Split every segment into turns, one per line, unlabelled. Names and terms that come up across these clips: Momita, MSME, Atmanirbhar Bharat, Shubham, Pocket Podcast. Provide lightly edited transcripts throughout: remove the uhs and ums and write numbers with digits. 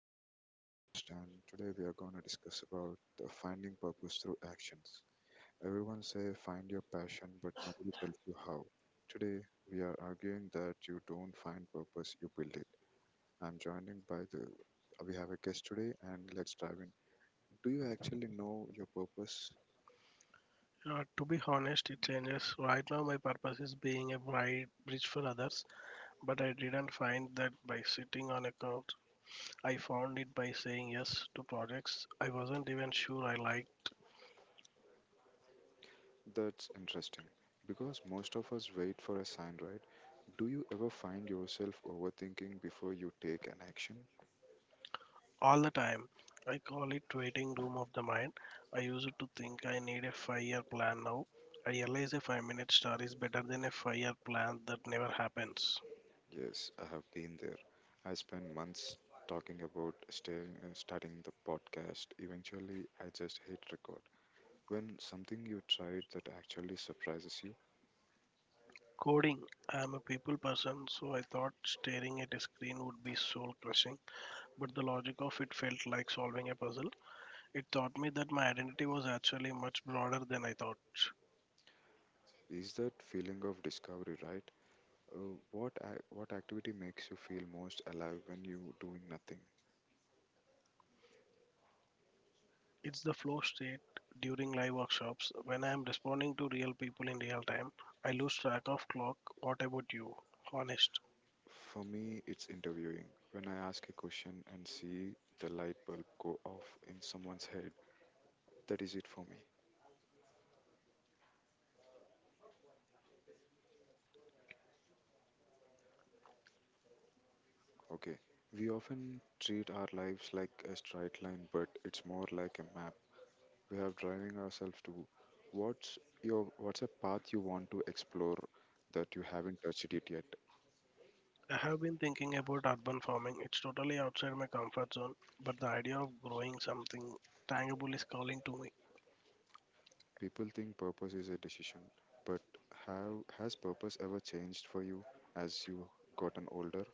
Podcast again. I'm your host, and today we are going to discuss about finding purpose through actions. Everyone say find your passion, but nobody tells you how. Today we are arguing that you don't find purpose, you build it. I'm joining by the we have a guest today, and let's dive in. Do you actually know your purpose?
To be honest, it changes. Right now, my purpose is being a bright bridge for others, but I didn't find that by sitting on a couch. I found it by saying yes to projects I wasn't even sure I liked
That's interesting because most of us wait for a sign, right? Do you ever find yourself overthinking before you take an action?
all the time. I call it waiting room of the mind. I used to think I need a 5-year plan now. I realize a 5-minute star is better than a 5-year plan that never happens.
Yes, I have been there. I spent months talking about staring, starting the podcast. Eventually, I just hit record. When something you tried that actually surprises you,
Coding. I am a people person, so I thought staring at a screen would be soul crushing, but the logic of it felt like solving a puzzle. It taught me that my identity was actually much broader than I thought.
is that feeling of discovery right? What activity makes you feel most alive when you doing nothing?
It's the flow state during live workshops when I am responding to real people in real time. I lose track of clock. What about you? Honest.
For me, it's interviewing. When I ask a question and see the light bulb go off in someone's head, that is it for me. Okay. We often treat our lives like a straight line, but it's more like a map. We are driving ourselves to what's what's a path you want to explore that you haven't touched it yet.
I have been thinking about urban farming. It's totally outside my comfort zone, but the idea of growing something tangible is calling to me.
People think purpose is a decision, but how has purpose ever changed for you as you gotten older?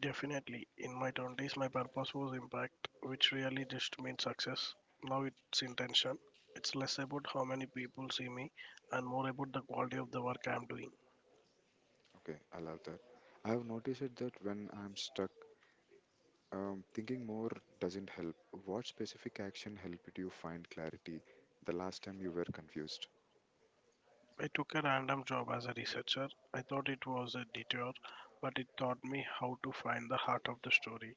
Definitely. In my 20s, my purpose was impact, which really just means success. Now it's intention. It's less about how many people see me and more about the quality of the work I'm doing.
Okay, I love that. I have noticed it that when I'm stuck, thinking more doesn't help. What specific action helped you find clarity the last time you were confused?
I took a random job as a researcher. I thought it was a detour, but it taught me how to find the heart of the story.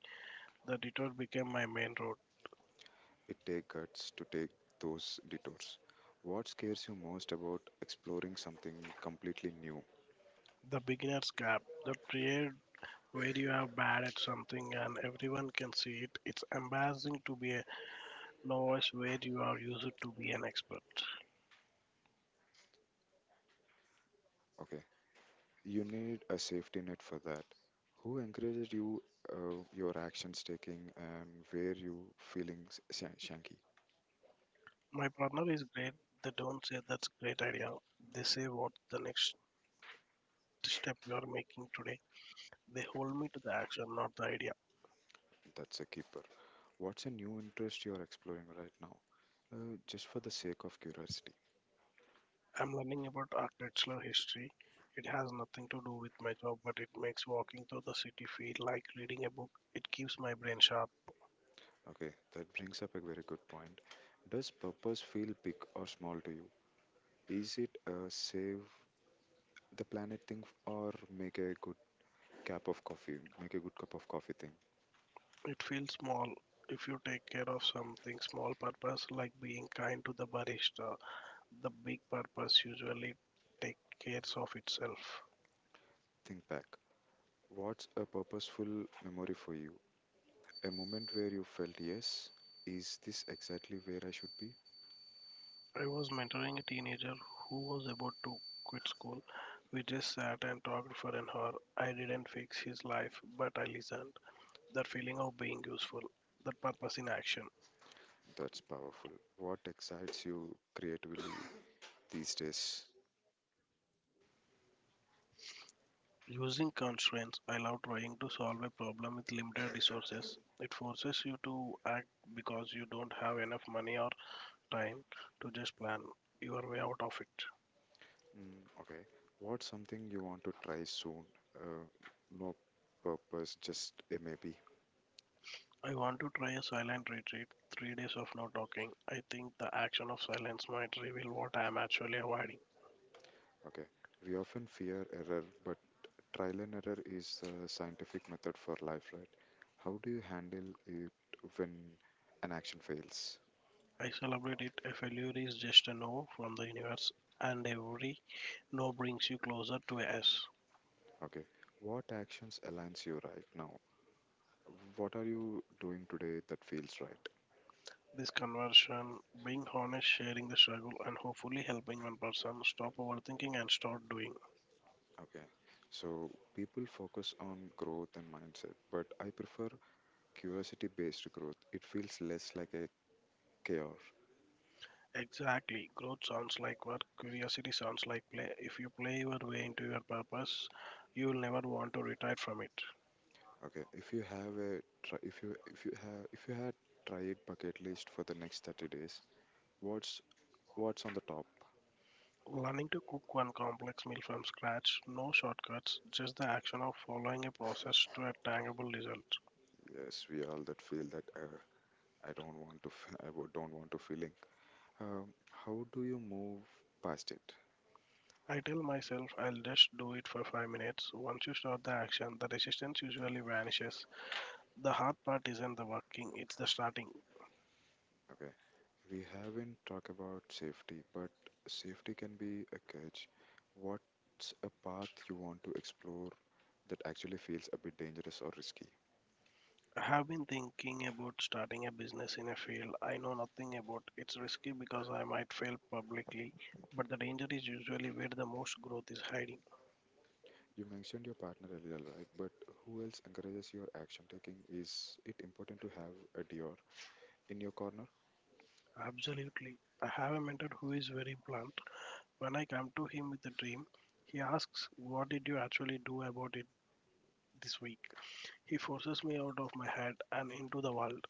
The detour became my main road.
It takes guts to take those detours. What scares you most about exploring something completely new?
The beginner's gap, the period where you are bad at something and everyone can see it. It's embarrassing to be a novice where you are used to be an expert.
Okay, you need a safety net for that. Who encourages you, your actions taking, and where you feeling shanky?
My partner is great. They don't say, "That's a great idea." They say, "What's the next step you are making today?" They hold me to the action, not the idea.
That's a keeper. What's a new interest you're exploring right now? Just for the sake of curiosity.
I'm learning about architectural history. It has nothing to do with my job, but it makes walking through the city feel like reading a book. It keeps my brain sharp.
Okay, that brings up a very good point. Does purpose feel big or small to you? Is it a save the planet thing or make a good cup of coffee thing?
It feels small. If you take care of something small purpose, like being kind to the barista, the big purpose usually takes care of itself.
Think back, what's a purposeful memory for you, a moment where you felt yes, is this exactly where I should be?
I was mentoring a teenager who was about to quit school. We just sat and talked for an hour. I didn't fix his life, but I listened. That feeling of being useful, that purpose in action.
That's powerful. What excites you creatively these days?
Using constraints, I love trying to solve a problem with limited resources. It forces you to act because you don't have enough money or time to just plan your way out of it.
Okay, what's something you want to try soon? uh, no purpose, just a maybe.
I want to try a silent retreat, 3 days of no talking. I think the action of silence might reveal what I am actually avoiding.
Okay, we often fear error, but trial and error is a scientific method for life, right? How do you handle it when an action fails?
I celebrate it. A failure is just a no from the universe, and every no brings you closer to a yes.
Okay. What actions aligns you right now? What are you doing today that feels right?
This conversion, being honest, sharing the struggle, and hopefully helping one person stop overthinking and start doing.
Okay. So people focus on growth and mindset, but I prefer curiosity based growth. It feels less like a chaos.
Exactly. Growth sounds like work, curiosity sounds like play. If you play your way into your purpose, you will never want to retire from it.
Okay. If you have a try, if you have if you had try it bucket list for the next 30 days, what's what's on the top?
Learning to cook one complex meal from scratch, no shortcuts, just the action of following a process to a tangible result.
Yes, we all that feel that I don't want to, don't want to feeling. Um, how do you move past it?
I tell myself I'll just do it for 5 minutes. Once you start the action, the resistance usually vanishes. The hard part isn't the working, it's the starting.
Okay, we haven't talked about safety, but safety can be a catch. What's a path you want to explore that actually feels a bit dangerous or risky?
I have been thinking about starting a business in a field I know nothing about. It's risky because I might fail publicly, but the danger is usually where the most growth is hiding.
You mentioned your partner earlier, right? But who else encourages your action taking? Is it important to have a Dior in your corner?
Absolutely. I have a mentor who is very blunt. When I come to him with a dream, he asks, "What did you actually do about it this week?" He forces me out of my head and into the world.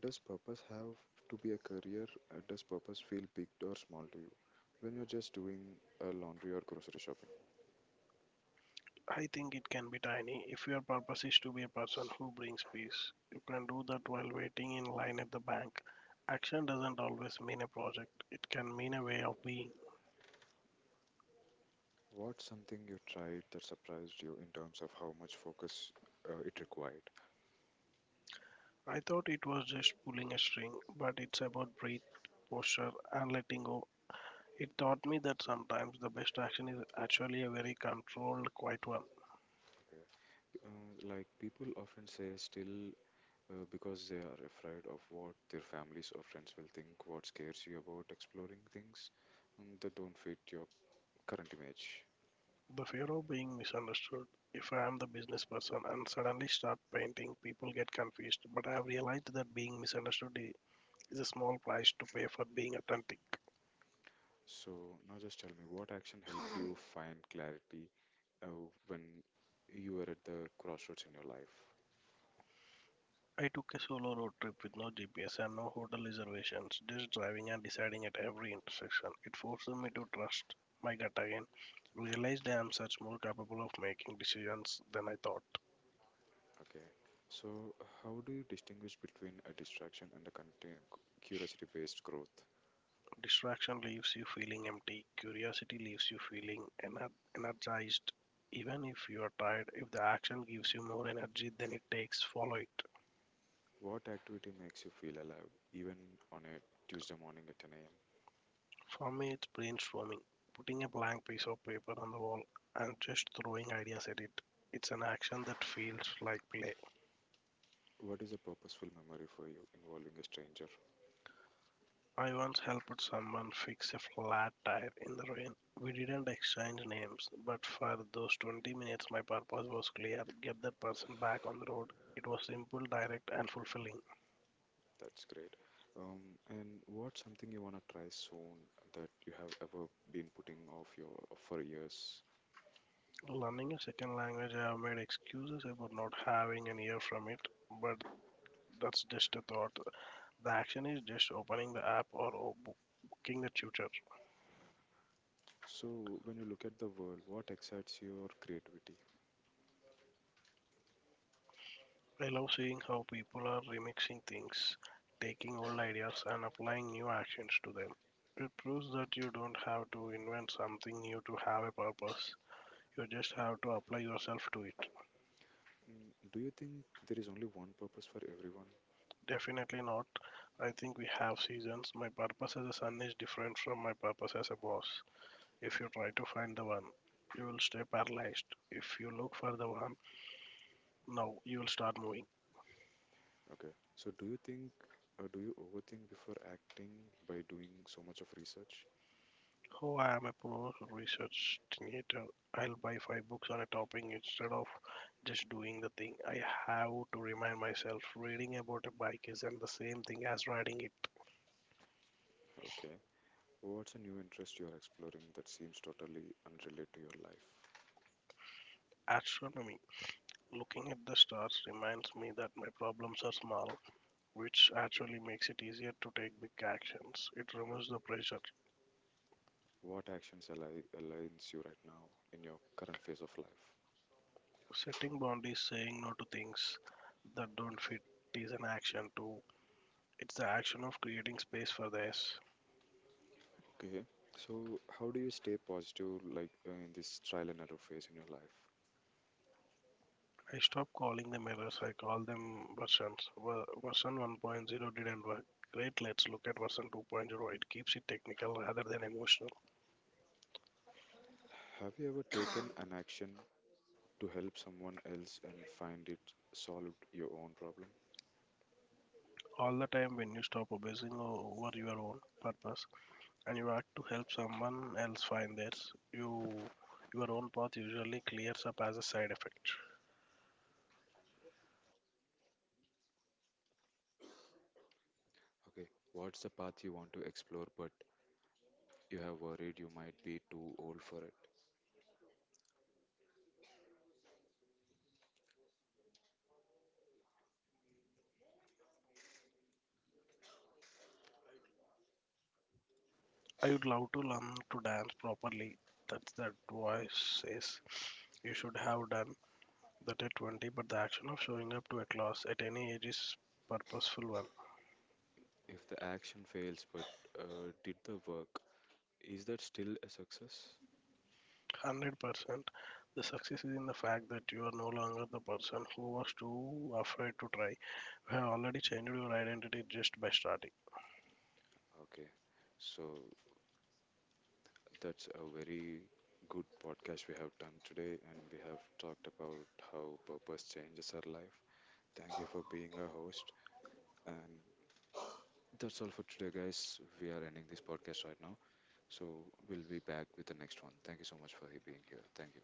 Does purpose have to be a career? Does purpose feel big or small to you? When you're just doing a laundry or grocery shopping,
I think it can be tiny. If your purpose is to be a person who brings peace, you can do that while waiting in line at the bank. Action doesn't always mean a project, it can mean a way of being.
what's something you tried that surprised you in terms of how much focus it required?
I thought it was just pulling a string, but it's about breath, posture, and letting go. It taught me that sometimes the best action is actually a very controlled, quiet one.
Uh, like people often say, still because they are afraid of what their families or friends will think, what scares you about exploring things that don't fit your current image.
The fear of being misunderstood. If I am the business person and suddenly start painting, people get confused. But I have realized that being misunderstood is a small price to pay for being authentic.
So now just tell me, what action helped you find clarity uh, when you were at the crossroads in your life?
I took a solo road trip with no GPS and no hotel reservations, just driving and deciding at every intersection. It forces me to trust my gut again, realized I am such more capable of making decisions than I thought.
Okay. So how do you distinguish between a distraction and a curiosity-based growth?
Distraction leaves you feeling empty, curiosity leaves you feeling energized. Even if you are tired, if the action gives you more energy than it takes, follow it.
What activity makes you feel alive, even on a Tuesday morning at 10 a.m.?
For me, it's brainstorming, putting a blank piece of paper on the wall and just throwing ideas at it. It's an action that feels like play.
What is a purposeful memory for you involving a stranger?
I once helped someone fix a flat tire in the rain. We didn't exchange names, but for those 20 minutes, my purpose was clear get that person back on the road. It was simple, direct, and fulfilling.
That's great. And what's something you want to try soon that you have ever been putting off your for years?
Learning a second language, I have made excuses about not having an ear from it, but that's just a thought. The action is just opening the app or booking the tutor.
So, when you look at the world, what excites your creativity?
I love seeing how people are remixing things, taking old ideas and applying new actions to them. It proves that you don't have to invent something new to have a purpose. You just have to apply yourself to it.
Do you think there is only one purpose for everyone?
Definitely not. I think we have seasons. My purpose as a son is different from my purpose as a boss. If you try to find the one, you will stay paralyzed. If you look for the one, now you will start moving.
Okay. So, do you think or do you overthink before acting by doing so much of research?
Oh, I am a pro research I'll buy five books on a topic instead of just doing the thing. I have to remind myself reading about a bike isn't the same thing as riding it.
Okay. What's a new interest you are exploring that seems totally unrelated to your life?
Astronomy. Looking at the stars reminds me that my problems are small, which actually makes it easier to take big actions. It removes the pressure.
What actions align aligns you right now in your current phase of life?
Setting boundaries, saying no to things that don't fit is an action too. It's the action of creating space for this.
Okay. So, how do you stay positive like in this trial and error phase in your life?
I stopped calling them errors. I call them versions. Version 1.0 didn't work. Great, let's look at version 2.0. It keeps it technical rather than emotional.
Have you ever taken an action to help someone else and find it solved your own problem?
All the time when you stop obsessing over your own purpose and you act to help someone else find theirs, you your own path usually clears up as a side effect.
Okay, what's the path you want to explore but you have worried you might be too old for it?
I would love to learn to dance properly. That's that voice says you should have done that at 20, but the action of showing up to a class at any age is purposeful one.
If the action fails but did the work, is that still a success?
100%. The success is in the fact that you are no longer the person who was too afraid to try. You have already changed your identity just by starting.
Okay, so that's a very good podcast we have done today, and we have talked about how purpose changes our life. Thank you for being our host, and that's all for today, guys. We are ending this podcast right now. So we'll be back with the next one. Thank you so much for being here. Thank you.